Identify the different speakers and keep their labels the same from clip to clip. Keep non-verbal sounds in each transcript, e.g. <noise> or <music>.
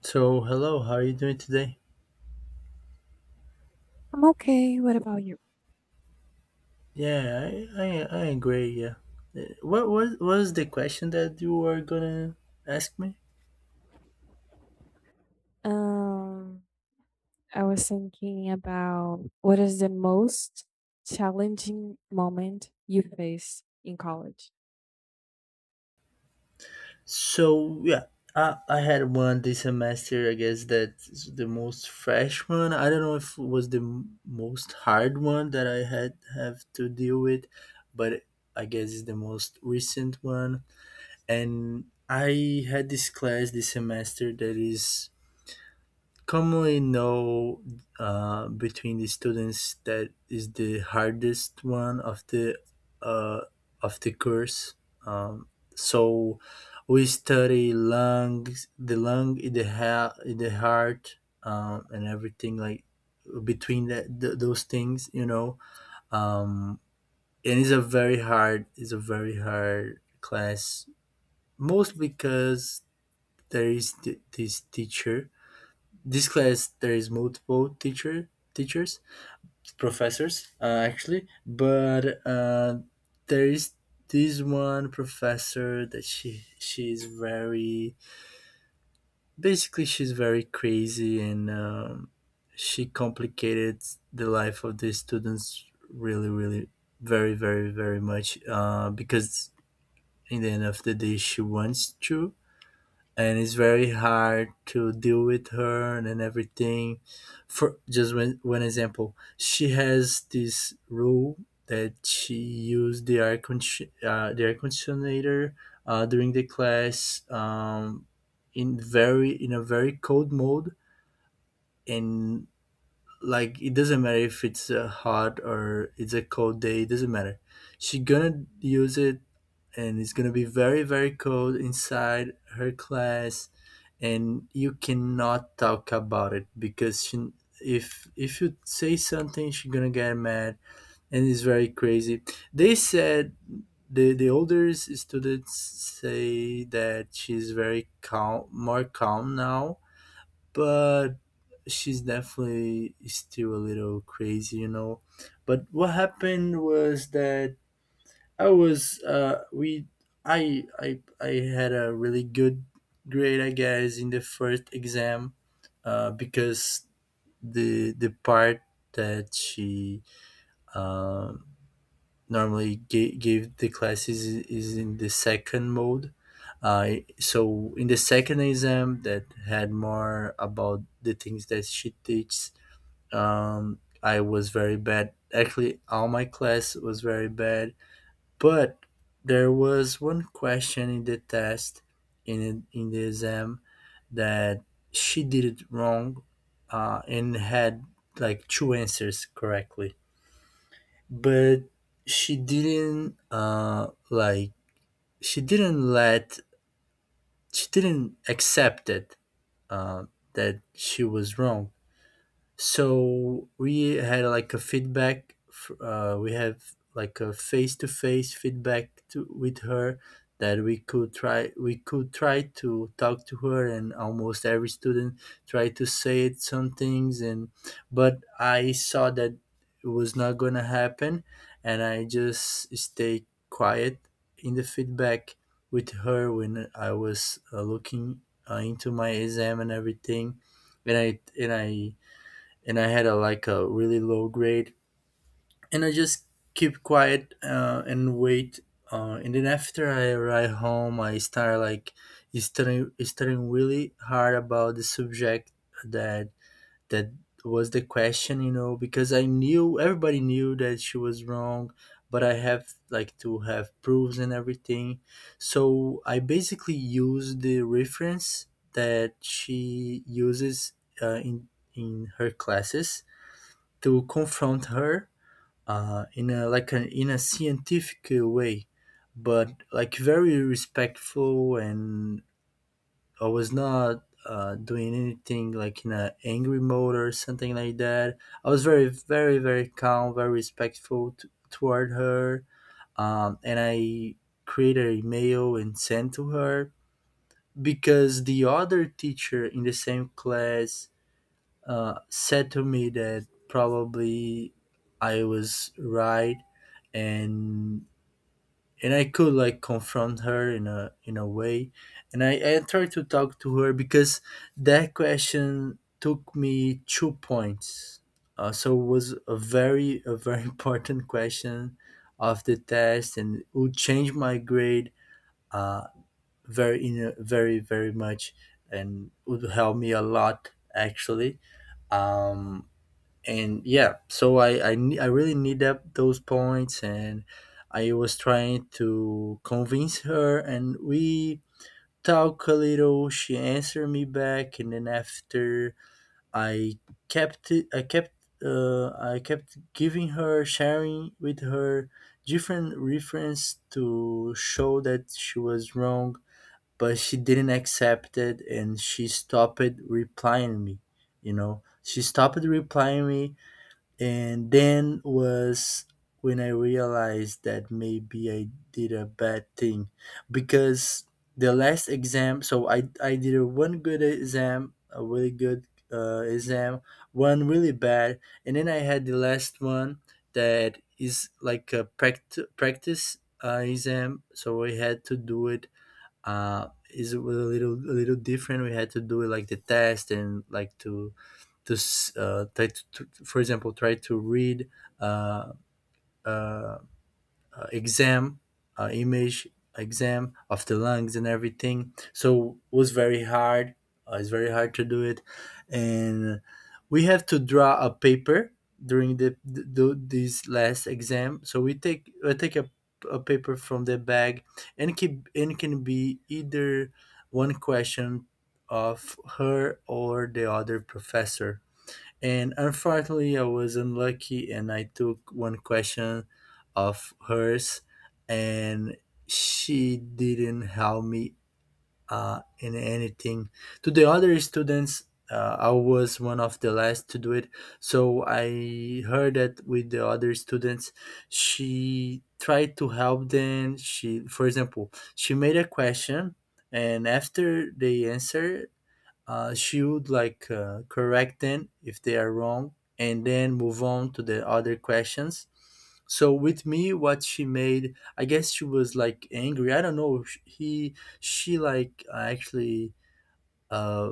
Speaker 1: So hello, how are you doing today?
Speaker 2: I'm okay. What about you?
Speaker 1: Yeah, I agree. Yeah. What was the question that you were gonna ask me?
Speaker 2: Um, I was thinking about what is the most challenging moment you faced in college?
Speaker 1: So yeah, I had one this semester. I guess that's the most fresh one. I don't know if it was the most hard one that I had have to deal with, but I guess it's the most recent one. And I had this class this semester that is commonly know, between the students, that is the hardest one of the uh, course. Um, so we study lungs, the lung, the heart, and everything like between that those things. Um, and it's a very hard class, most because there is this teacher, this class there is multiple teachers, professors, actually, but there is this one professor that she she's very basically she's very crazy, and she complicated the life of the students really really very very very much, because in the end of the day she wants to, and it's very hard to deal with her and everything. For just one example, she has this rule that she used the air conditioner during the class, in very in a very cold mode, and like, it doesn't matter if it's a hot or it's a cold day, it doesn't matter, she gonna use it, and it's going to be very very cold inside her class. And you cannot talk about it because she, if you say something she's going to get mad, and it's very crazy. They said the older students say that she's very calm, more calm now, but she's definitely still a little crazy. But what happened was that I was we I had a really good grade, I guess, in the first exam, because the part that she um normally gave the classes is in the second mode, uh so in the second exam that had more about the things that she teaches, I was very bad. Actually, all my class was very bad. But there was one question in the test, in the exam, that she did it wrong, and had like two answers correctly. But she didn't, like, she didn't let she didn't accept it, uh, that she was wrong. So we had like a feedback. We have like a face-to-face feedback with her, that we could try. We could try to talk to her, and almost every student tried to say it some things. And but I saw that it was not gonna happen, and I just stayed quiet in the feedback with her. When I was looking into my exam and everything, and I and I and I had a like a really low grade, and I just keep quiet, and wait. And then, after I arrive home, I start like studying really hard about the subject that that was the question, because I knew, everybody knew that she was wrong, but I have like to have proofs and everything. So I basically used the reference that she uses, in her classes, to confront her, in a scientific way, but like, very respectful, and I was not, doing anything like in a angry mode or something like that. I was very very very calm, very respectful, toward her, and I created an email and sent to her, because the other teacher in the same class, said to me that probably I was right, and and I could like confront her in a way, and I tried to talk to her, because that question took me 2 points, so it was a very <laughs> important question of the test, and it would change my grade, uh, very, very very much, and would help me a lot actually, um, and yeah, so I really need that those points, and I was trying to convince her, and we talk a little. She answered me back, and then after, I kept it I kept giving her, sharing with her different reference to show that she was wrong, but she didn't accept it, and she stopped replying me. She stopped replying me, and then was when I realized that maybe I did a bad thing, because the last exam, so I did a one good exam, a really good, exam, one really bad, and then I had the last one that is like a practice, exam, so I had to do it. Is a little different. We had to do it like the test, and like try to, for example, try to read, uh, uh, exam, image exam of the lungs and everything. So it was very hard. It's very hard to do it, and we have to draw a paper during the this last exam. So we take I take a paper from the bag, and can be either one question of her or the other professor. And unfortunately, I was unlucky and I took one question of hers, and she didn't help me, in anything. To the other students, I was one of the last to do it. So I heard that with the other students, she tried to help them. She, for example, she made a question, and after they answer, she would like, correct them if they are wrong, and then move on to the other questions. So with me, what she made, I guess she was like angry, I don't know, sh- he she like, actually, uh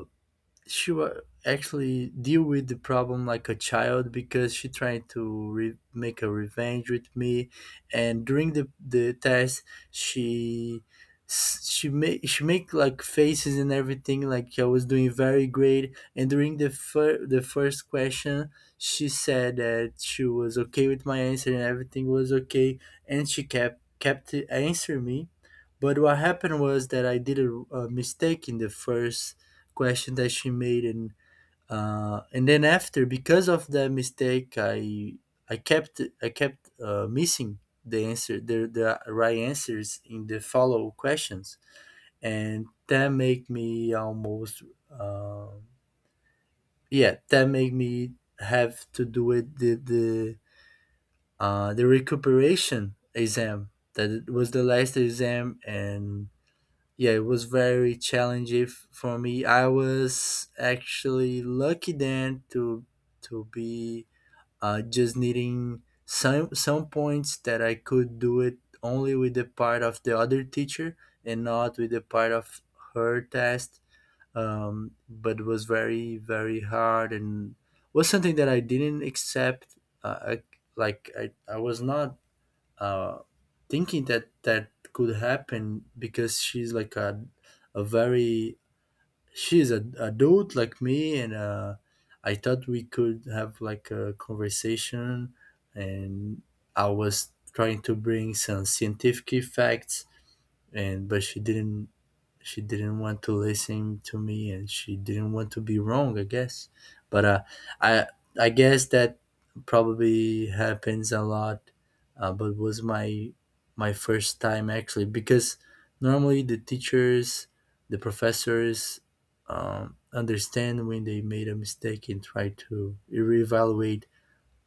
Speaker 1: she actually deal with the problem like a child, because she tried to make a revenge with me. And during the test, she, she make like faces and everything, like I was doing very great, and during the the first question, she said that she was okay with my answer and everything was okay, and she kept answering me. But what happened was that I did a mistake in the first question that she made, and then after, because of that mistake, I kept missing the answer, the right answers in the follow questions, and that make me almost, uh, yeah, that make me have to do it, the recuperation exam, that it was the last exam. And yeah, it was very challenging, for me. I was actually lucky then to be, just needing some points that I could do it only with the part of the other teacher, and not with the part of her test. But it was very very hard, and was something that I didn't accept. Uh, I, like, I was not, uh, thinking that that could happen, because she's like a very she's a adult like me, and I thought we could have like a conversation, and I was trying to bring some scientific facts, and but she didn't, want to listen to me, and she didn't want to be wrong, I guess. But i I guess that probably happens a lot, but was my first time, actually, because normally the professors, understand when they made a mistake and try to reevaluate,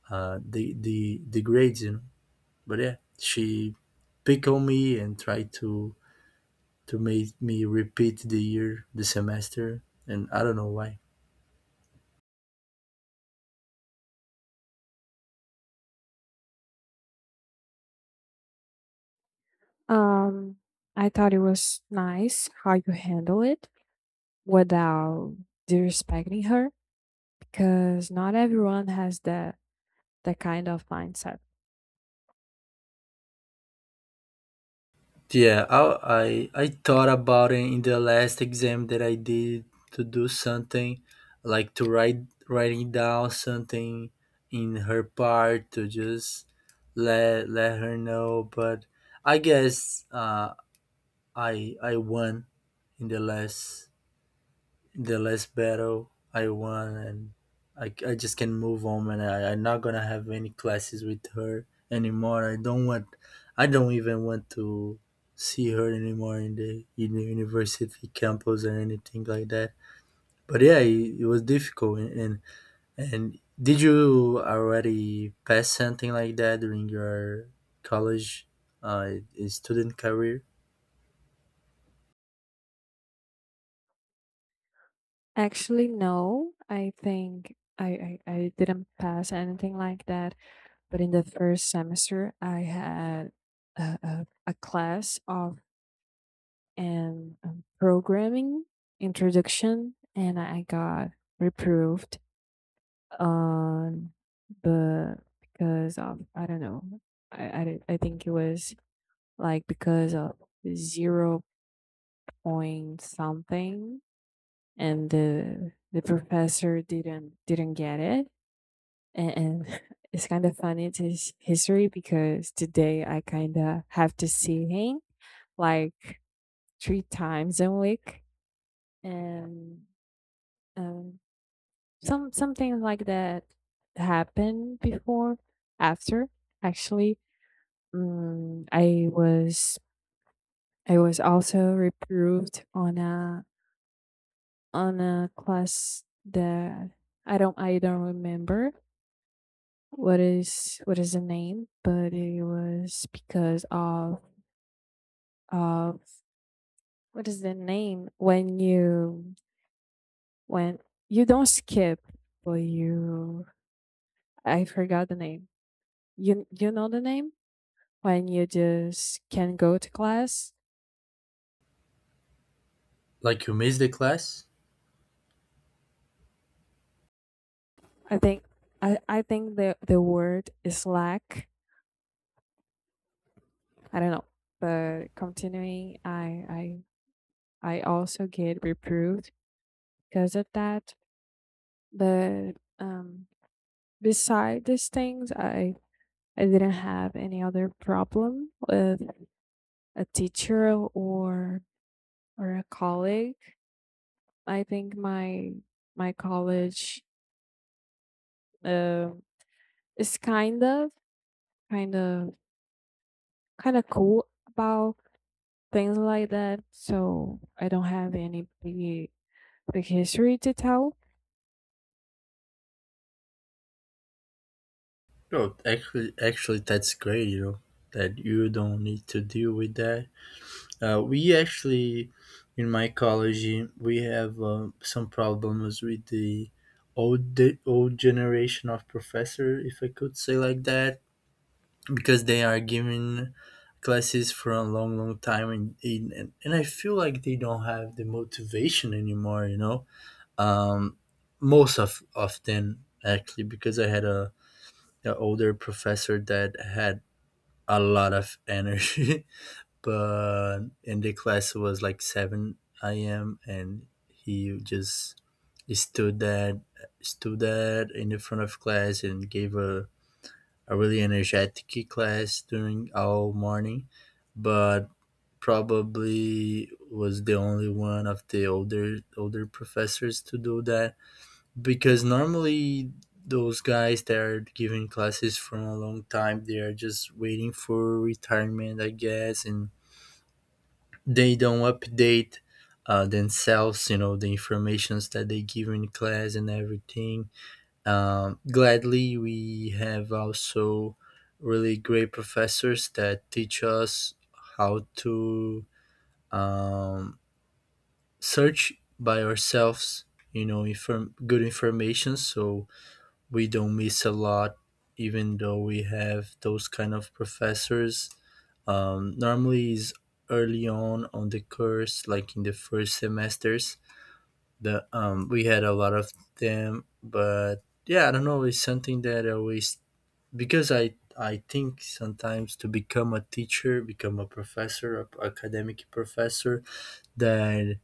Speaker 1: the grades. But yeah, she pick on me and try to make me repeat the year, the semester, and I don't know why.
Speaker 2: Um, I thought it was nice how you handle it without disrespecting her because not everyone has that kind of mindset.
Speaker 1: Yeah, I thought about it in the last exam that I did, to do something, like to write writing down something in her part, to just let her know. But I guess, I won in the last battle I won, and I just can move on, and I'm not gonna have any classes with her anymore. I don't even want to see her anymore in the university campus or anything like that. But yeah, it was difficult. And did you already pass something like that during your college, uh, student career?
Speaker 2: Actually, no. I think I didn't pass anything like that. But in the first semester, I had a class of an programming introduction, and I got reproved on the because of I don't know. I, don't- I think it was like because of zero point something, and the professor didn't get it, and <laughs> it's kind of funny to his history because today I kind of have to see him like three times a week, and um, something like that happened before, after actually. Mm, I was I was also reproved on a class that I don't remember what is the name, but it was because of uh what is the name when when you don't skip but you, I forgot the name, you know the name, when you just can go to class.
Speaker 1: Like you missed the class?
Speaker 2: I think i I think the word is slack, I don't know. But continuing, I also get reproved because of that. But um beside these things, I didn't have any other problem with a teacher or a colleague. I think my college uh, is kind of kind of cool about things like that. So I don't have any big history to tell.
Speaker 1: No, actually, that's great. You know that you don't need to deal with that. We actually, in my college, we have some problems with the old old generation of professor, if I could say like that, because they are giving classes for a long, long time, and and I feel like they don't have the motivation anymore. You know, um, most of them actually, because I had a an older professor that had a lot of energy. <laughs> But in the class it was like 7 a.m. and he just stood that stood that in the front of class and gave a really energetic class during all morning. But probably was the only one of the older older professors to do that because normally those guys that are giving classes for a long time they are just waiting for retirement, I guess, and they don't update themselves, you know, the informations that they give in class and everything. Gladly we have also really great professors that teach us how to um, search by ourselves, you know, inform good information, so we don't miss a lot even though we have those kind of professors. Normally is early on the course, like in the first semesters the we had a lot of them. But yeah, I don't know, it's something that I always, because I think sometimes to become a teacher, become a professor, a academic professor, that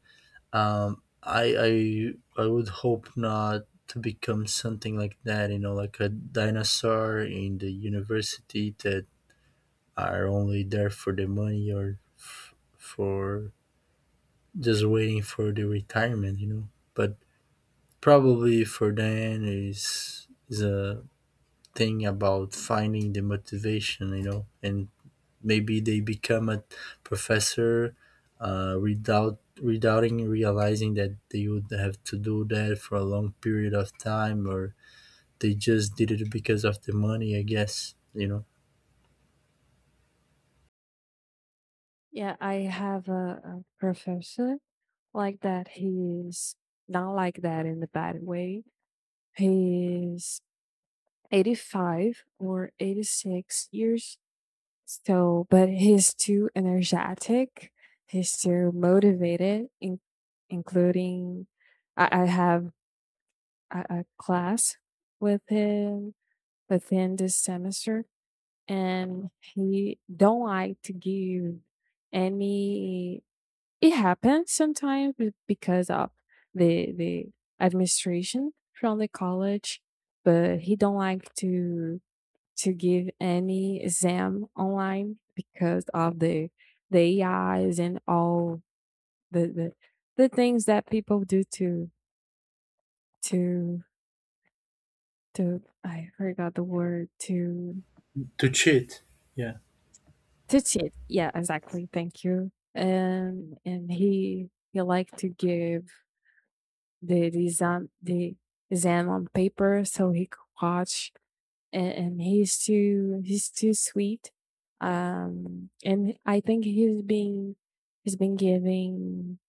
Speaker 1: I would hope not to become something like that, you know, like a dinosaur in the university that are only there for the money or for just waiting for the retirement, you know. But probably for them is a thing about finding the motivation, you know, and maybe they become a professor without realizing that they would have to do that for a long period of time, or they just did it because of the money, I guess, you know.
Speaker 2: Yeah, I have a professor like that. He's not like that in the bad way. He's 85 or 86 years. So, but he's too energetic, he's too motivated. Including I have a class with him within this semester, and he don't like to give any. It happens sometimes because of the administration from the college, but he don't like to give any exam online because of the AIs and all the the, the things that people do to to, I forgot the word, to
Speaker 1: To cheat. Yeah.
Speaker 2: to cheat. Yeah, exactly. Thank you. And he liked to give the exam on paper, so he could watch. And he's too sweet, and I think he's been giving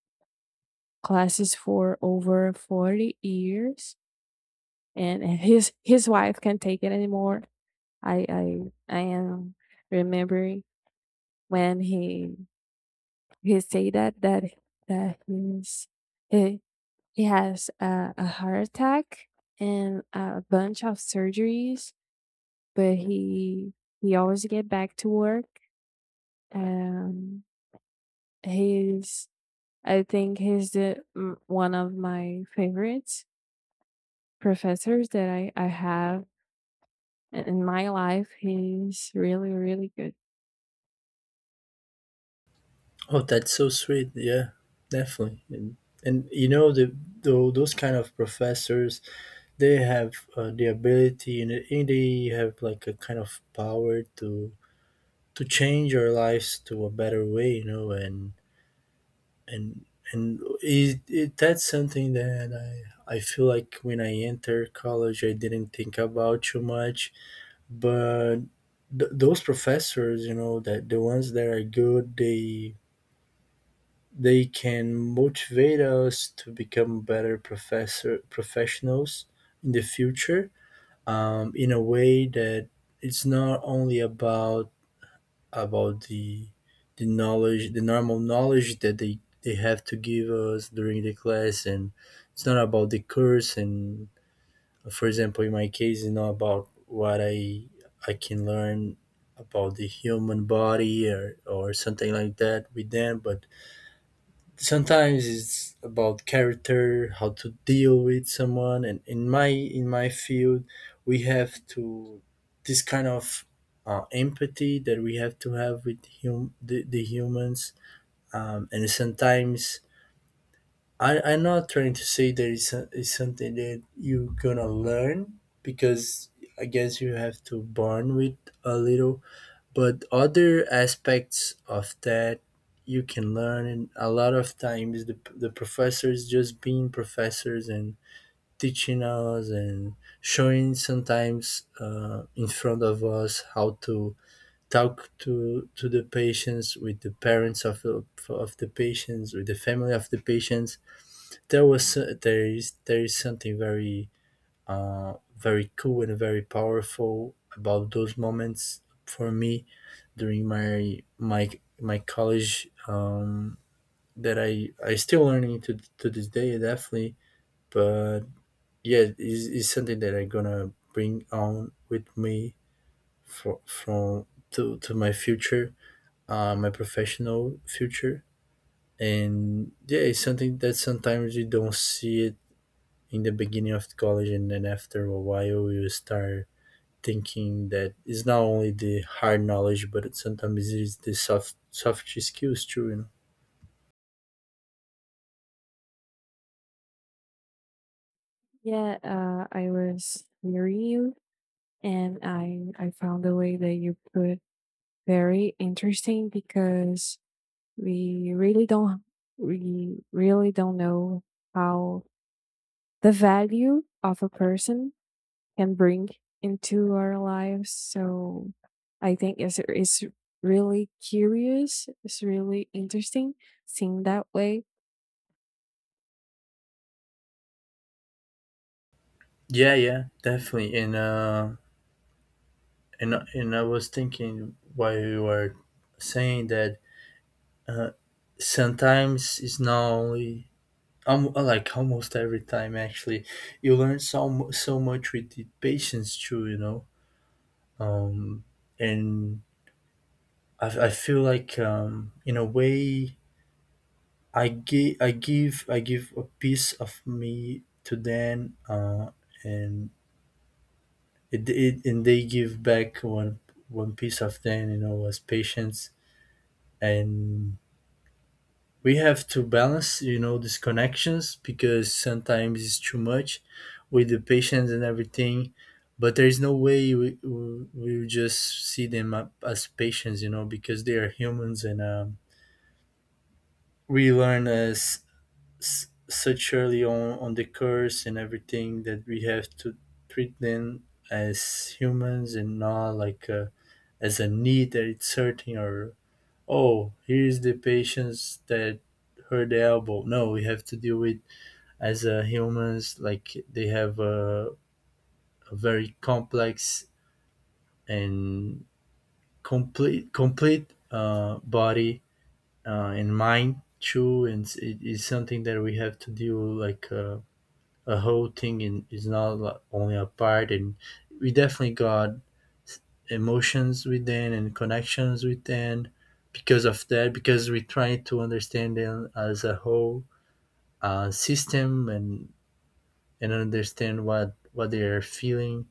Speaker 2: classes for over 40 years, and his wife can't take it anymore. I i i am remembering when he say that he, he has a heart attack and a bunch of surgeries, but he always get back to work. Um, he's I think he's the one of my favorite professors that I have in my life. He's really really good.
Speaker 1: Oh, that's so sweet. Yeah, definitely. And you know, the, those kind of professors, they have the ability, and they have like a kind of power to change our lives to a better way, you know. And it that's something that I feel like when I enter college, I didn't think about too much. But those professors, you know, that the ones that are good, they can motivate us to become better professor professionals in the future. In a way that it's not only about about the the knowledge, the normal knowledge that they have to give us during the class, and it's not about the course. And for example, in my case, it's not about what I can learn about the human body or something like that with them. But sometimes it's about character, how to deal with someone, and in my field we have to this kind of empathy that we have to have with the humans. Um, and sometimes I'm not trying to say that it's something that you're gonna learn, because I guess you have to born with a little. But other aspects of that you can learn, and a lot of times the professors just being professors and teaching us and showing sometimes in front of us how to talk to the patients, with the parents of the patients, with the family of the patients, there is something very very cool and very powerful about those moments for me during my my college, that I still learning to this day, definitely. But yeah, it's something that I'm gonna bring on with me for from to my future, my professional future. And yeah, it's something that sometimes you don't see it in the beginning of college, and then after a while you start thinking that it's not only the hard knowledge, but it sometimes it is the soft skills too, you know.
Speaker 2: Yeah, I was hearing you, and I found the way that you put very interesting, because we really don't we really don't know how the value of a person can bring into our lives. So I think it's really curious. It's really interesting seeing that way.
Speaker 1: Yeah, yeah, definitely. And and I was thinking while you were saying that, uh, sometimes it's not only like almost every time actually, you learn so much with the patience too, you know. Um, and I feel like in a way I give I give a piece of me to them, and it and they give back one piece of them, you know, as patience. And we have to balance, you know, these connections because sometimes it's too much with the patients and everything. But there's no way we will just see them up as patients, you know, because they are humans. And we learn as such early on the course and everything that we have to treat them as humans, and not like as a knee that it's hurting, or oh, here's the patients that hurt the elbow. No, we have to deal with as humans. Like they have a very complex and complete body and mind too, and it is something that we have to deal like a whole thing, and it's not like only a part. And we definitely got emotions within and connections within because of that, because we try to understand them as a whole system and understand what they are feeling.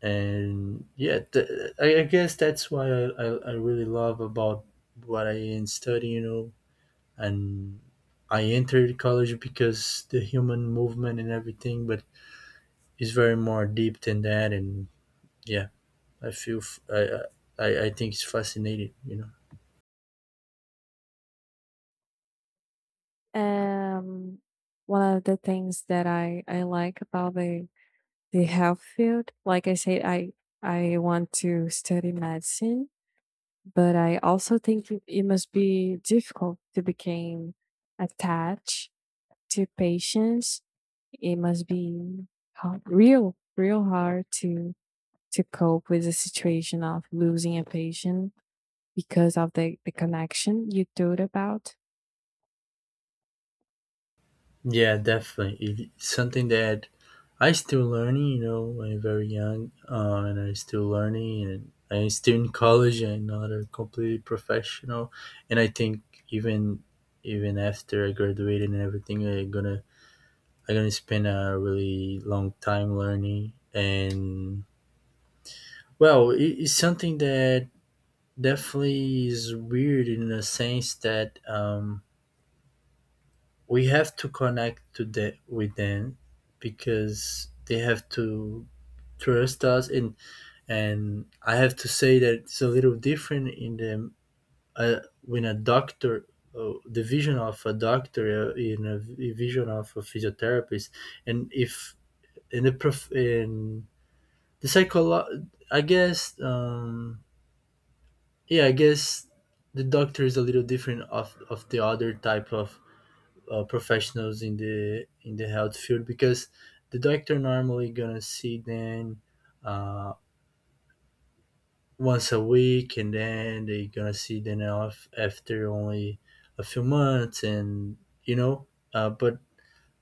Speaker 1: And yeah, I guess that's why I really love about what I am studying, you know. And I entered college because the human movement and everything, but it's very more deep than that. And yeah, I feel I think it's fascinating, you know.
Speaker 2: Um, one of the things that I like about the health field, like I said, I want to study medicine, but I also think it must be difficult to become attached to patients. It must be hard, real, real hard to cope with the situation of losing a patient because of the connection you told about.
Speaker 1: Yeah, definitely. It's something that I still learning, you know. I'm very young, and I'm still learning, and I'm still in college. I'm not a completely professional. And I think even even after I graduated and everything, I'm gonna I'm gonna spend a really long time learning. And well, it, it's something that definitely is weird in the sense that, we have to connect to the with them because they have to trust us. And I have to say that it's a little different in the when a doctor, the vision of a doctor in a vision of a physiotherapist. And if in the prof in the I guess, yeah, I guess the doctor is a little different of the other type of professionals in the health field, because the doctor normally gonna see them uh, once a week, and then they gonna see them off after only a few months, and you know, but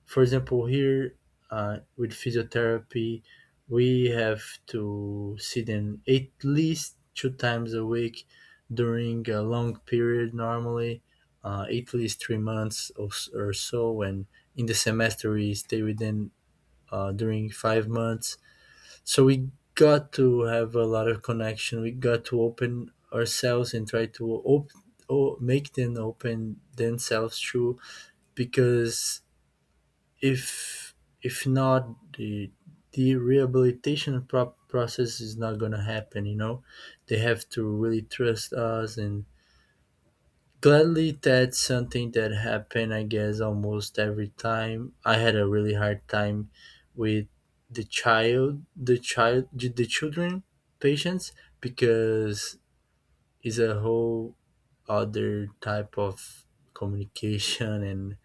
Speaker 1: for example, here, with physiotherapy, we have to see them at least two times a week during a long period, normally, at least 3 months or, or so. And in the semester, we stay with them during 5 months. So we got to have a lot of connection. We got to open ourselves and try to make them open themselves too, because if if not, the the rehabilitation process is not going to happen, you know. They have to really trust us. And gladly that's something that happened, I guess, almost every time. I had a really hard time with the children patients, because it's a whole other type of communication. And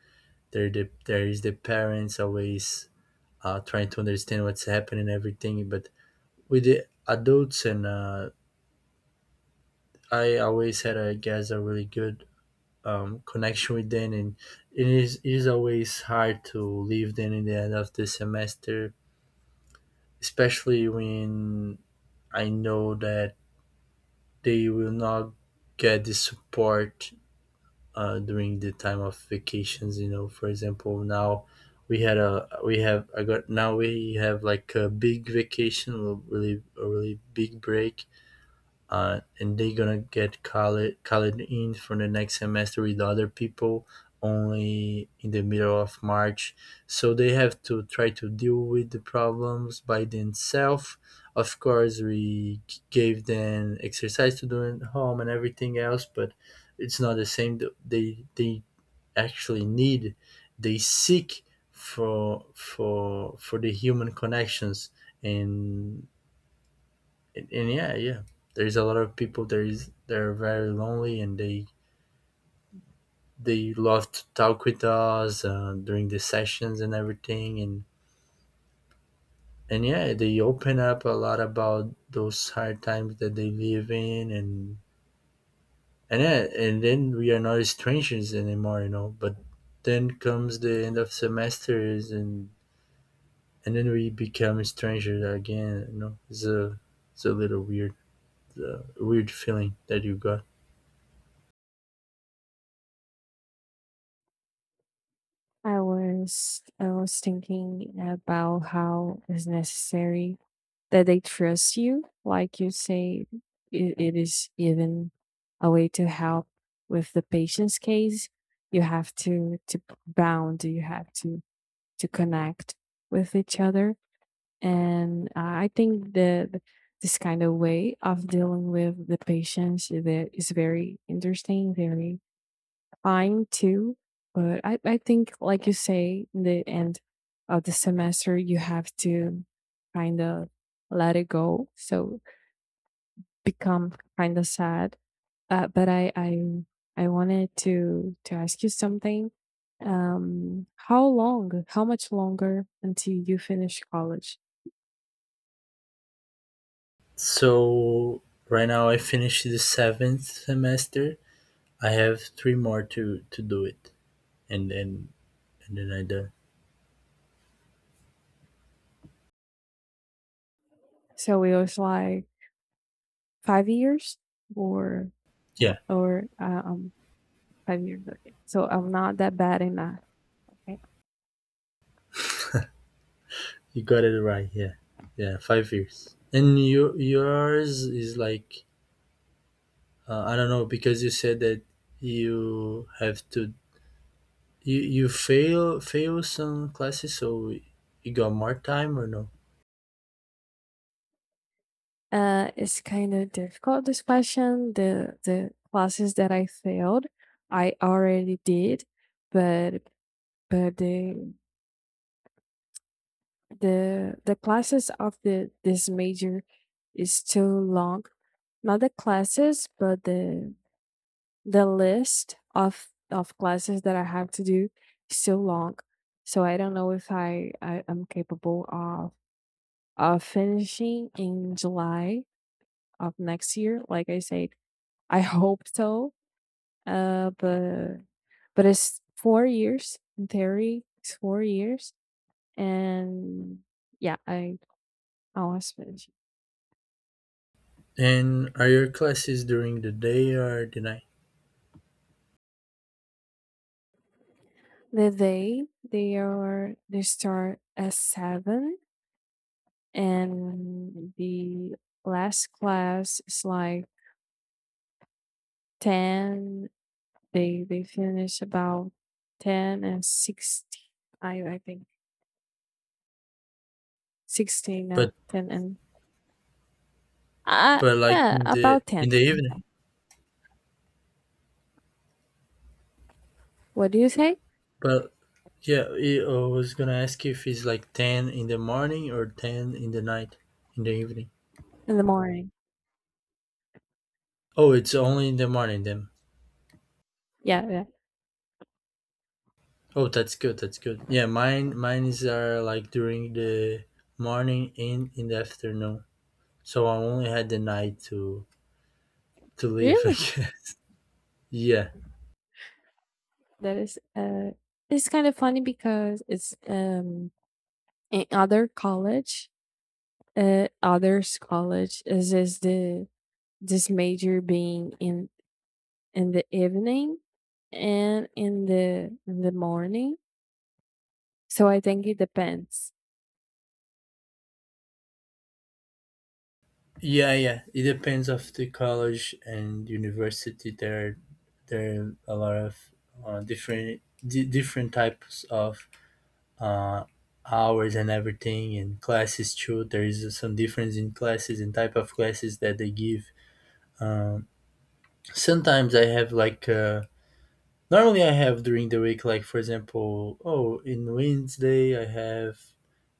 Speaker 1: the, there is the parents always trying to understand what's happening and everything. But with the adults, and I always had, I guess, a really good connection with them. And it is always hard to leave them in the end of the semester, especially when I know that they will not get the support during the time of vacations. You know, for example, now we had a we have I got now we have like a big vacation, a really big break, and they gonna get called in for the next semester with other people only in the middle of March. So they have to try to deal with the problems by themselves. Of course, we gave them exercise to do at home and everything else, but it's not the same. They actually need, they seek for the human connections. And and yeah, yeah, there's a lot of people, there is they're very lonely, and they love to talk with us during the sessions and everything. And yeah, they open up a lot about those hard times that they live in. And yeah, and then we are not strangers anymore, you know. But then comes the end of semesters, and then we become strangers again, you know. It's a, it's a little weird weird feeling that you got.
Speaker 2: I was thinking about how it's necessary that they trust you, like you say. It is even a way to help with the patient's case. You have to bound, you have to connect with each other, and I think that this kind of way of dealing with the patients that is very interesting, very fine too. But i think, like you say, in the end of the semester you have to kind of let it go, so become kind of sad. But I wanted to ask you something. How long? How much longer until you finish college?
Speaker 1: So right now I finished the seventh semester. I have three more to do it, and then and then I done.
Speaker 2: So it was like 5 years, or
Speaker 1: Yeah,
Speaker 2: or 5 years. Okay, so I'm not that bad in that.
Speaker 1: you got it right. Yeah, yeah, 5 years. And your yours is like I don't know, because you said that you have to you fail some classes, so you got more time or no?
Speaker 2: It's kind of difficult this question. The classes that I failed, I already did, but but the the classes of the this major is too long. Not the classes, but the list of classes that I have to do is so long. So I don't know if I am capable of finishing in July of next year. Like I said, I hope so. But it's 4 years in theory. It's 4 years, and yeah, I was finished.
Speaker 1: And are your classes during the day or the night?
Speaker 2: The day. They are they start at 7, and the last class is like 10. They finish about 10 and 16. I think 16 now,
Speaker 1: But
Speaker 2: 10 and uh,
Speaker 1: but like
Speaker 2: about
Speaker 1: in
Speaker 2: 10.
Speaker 1: the evening.
Speaker 2: What do you say?
Speaker 1: But yeah, I was gonna ask if it's like ten in the morning or ten in the night, in the evening.
Speaker 2: In the morning.
Speaker 1: Oh, it's only in the morning then.
Speaker 2: Yeah, yeah.
Speaker 1: Oh, that's good. That's good. Yeah, mine is are like during the morning and in the afternoon. So I only had the night to leave. <laughs> I
Speaker 2: Really?
Speaker 1: guess. Yeah,
Speaker 2: That is it's kind of funny because it's in other college, others college is the this major being in the evening and in the morning. So I think it depends.
Speaker 1: yeah, yeah. It depends of the college and university. There are a lot of different di different types of uh, hours and everything and classes too. There is some difference in classes and type of classes that they give. um, Sometimes I have like normally I have during the week, like for example, oh, in Wednesday I have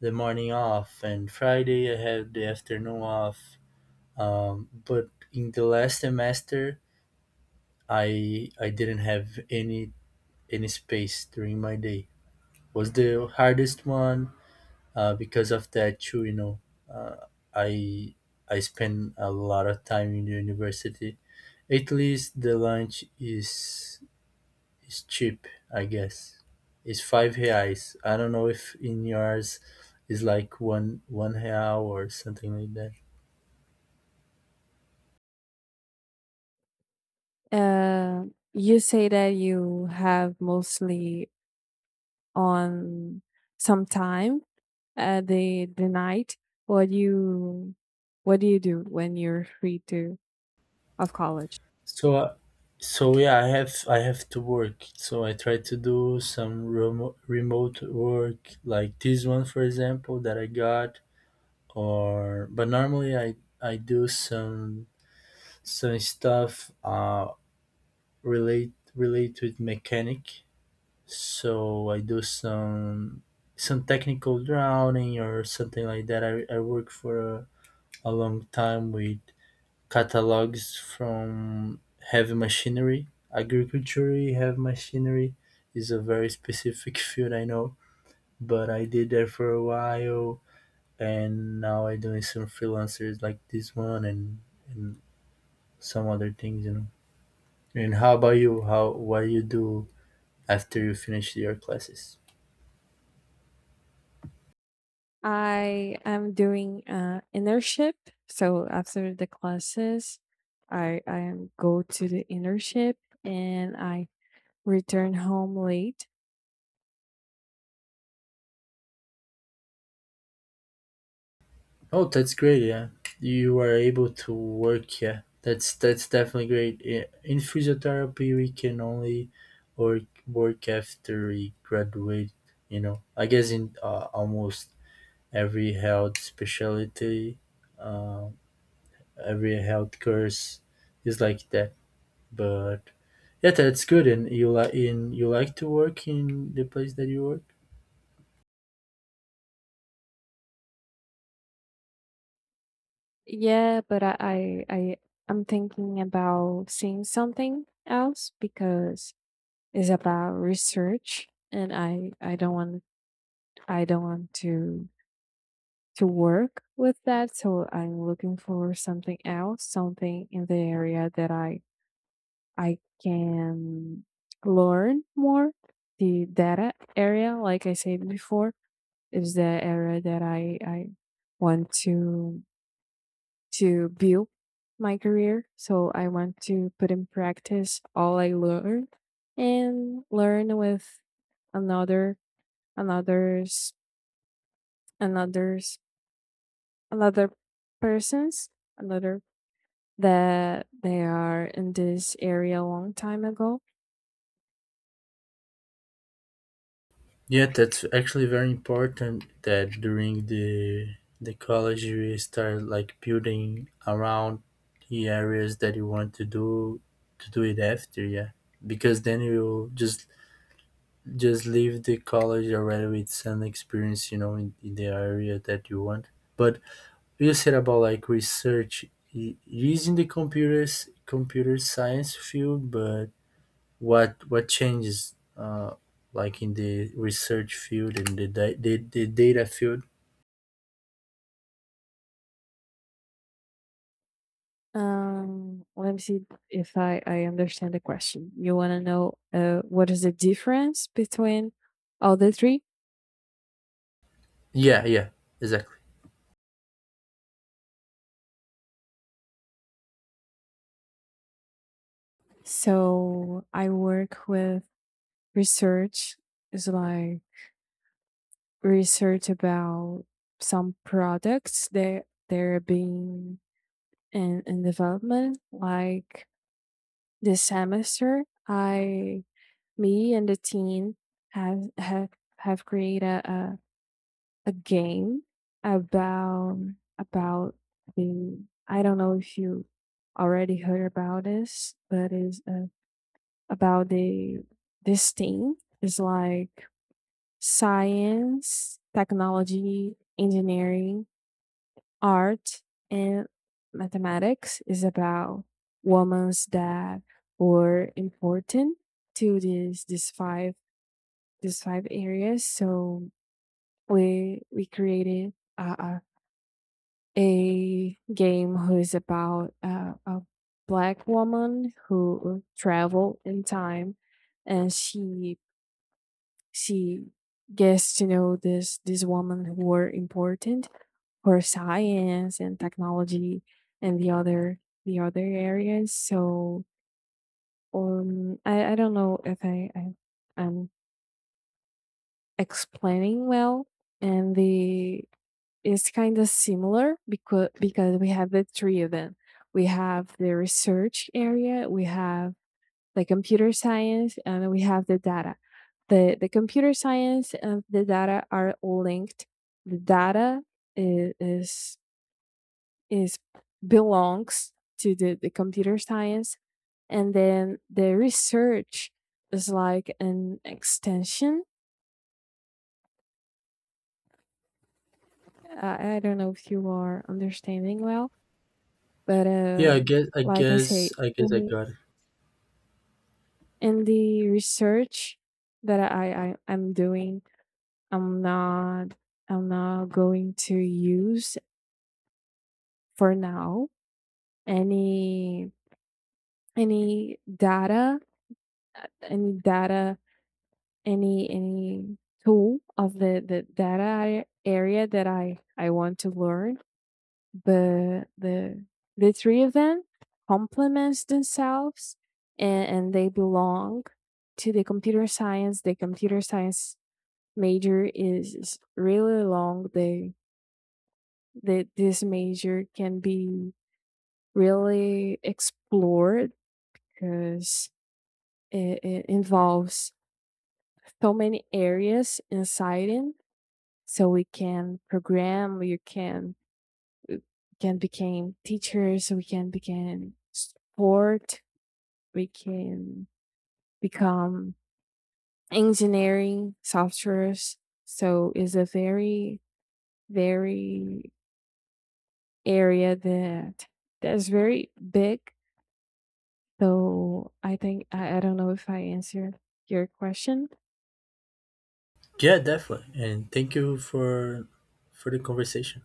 Speaker 1: the morning off, and Friday I have the afternoon off. But in the last semester I didn't have any space during my day. Was the hardest one. Because of that too, you know, uh, I I spend a lot of time in the university. At least the lunch is cheap, I guess. It's five reais. I don't know if in yours is like one real or something like that.
Speaker 2: Uh you say that you have mostly on some time, the night. What do you do when you're free to of college?
Speaker 1: So, so yeah, I have to work. So I try to do some remote work, like this one, for example, that I got. Or but normally I do some stuff, relate with mechanic. So I do some technical drawing or something like that. I work for a long time with catalogs from heavy machinery. Agriculture heavy machinery is a very specific <laughs> field, I know, but I did that for a while. And now I doing some freelancers, like this one, and some other things, you know. And how about you? How what do you do after you finish your classes?
Speaker 2: I am doing internship, so after the classes I am go to the internship, and I return home late.
Speaker 1: Oh, that's great. Yeah, you are able to work. Yeah, that's definitely great. Yeah. In physiotherapy, we can only work after we graduate. You know, I guess in almost every health specialty, uh, every health course is like that. But yeah, that's good. And you like in you like to work in the place that you work.
Speaker 2: Yeah, but I I'm thinking about seeing something else because it's about research, and I don't want, to work with that. So I'm looking for something else, something in the area that I can learn more. The data area, like I said before, is the area that I want to build my career. So I want to put in practice all I learned and learn with another another's another's another person's another that they are in this area a long time ago.
Speaker 1: Yeah, that's actually very important. That during the college you start like building around the areas that you want to do it after. Yeah, because then you just leave the college already with some experience, you know, in the area that you want. But you said about like research, using the computer science field, but what changes like in the research field and the, the data field.
Speaker 2: Let me see if I understand the question. You want to know what is the difference between all the three?
Speaker 1: Yeah, yeah, exactly.
Speaker 2: So I work with research. It's like research about some products that they're being in development. Like this semester, I me and the team have have have created a game about about the. I don't know if you already heard about this, but it's about the this thing is like science, technology, engineering, art, and mathematics is about women's that were important to these five areas. So we created a game who is about a black woman who travel in time, and she gets to know this woman who were important for science and technology, and the other areas. So I don't know if I'm explaining well. And the is kind of similar, because we have the three of them. We have the research area, we have the computer science, and we have the data. The computer science and the data are linked. The data is is, is belongs to the computer science, and then the research is like an extension. I don't know if you are understanding well, but like I say,
Speaker 1: I guess I
Speaker 2: in
Speaker 1: got it.
Speaker 2: the research that I'm doing, I'm not I'm not going to use for now any any data, uh, any data any tool of the data area that I want to learn. But the three of them complements themselves, and they belong to the computer science. The computer science major is really long, they that this major can be really explored because it involves so many areas inside it. So we can program, we can become teachers, we can become sport, we can become engineering softwares. So it's a very area that that's very big. So I think I don't know if I answered your question.
Speaker 1: Yeah, definitely. And thank you for the conversation.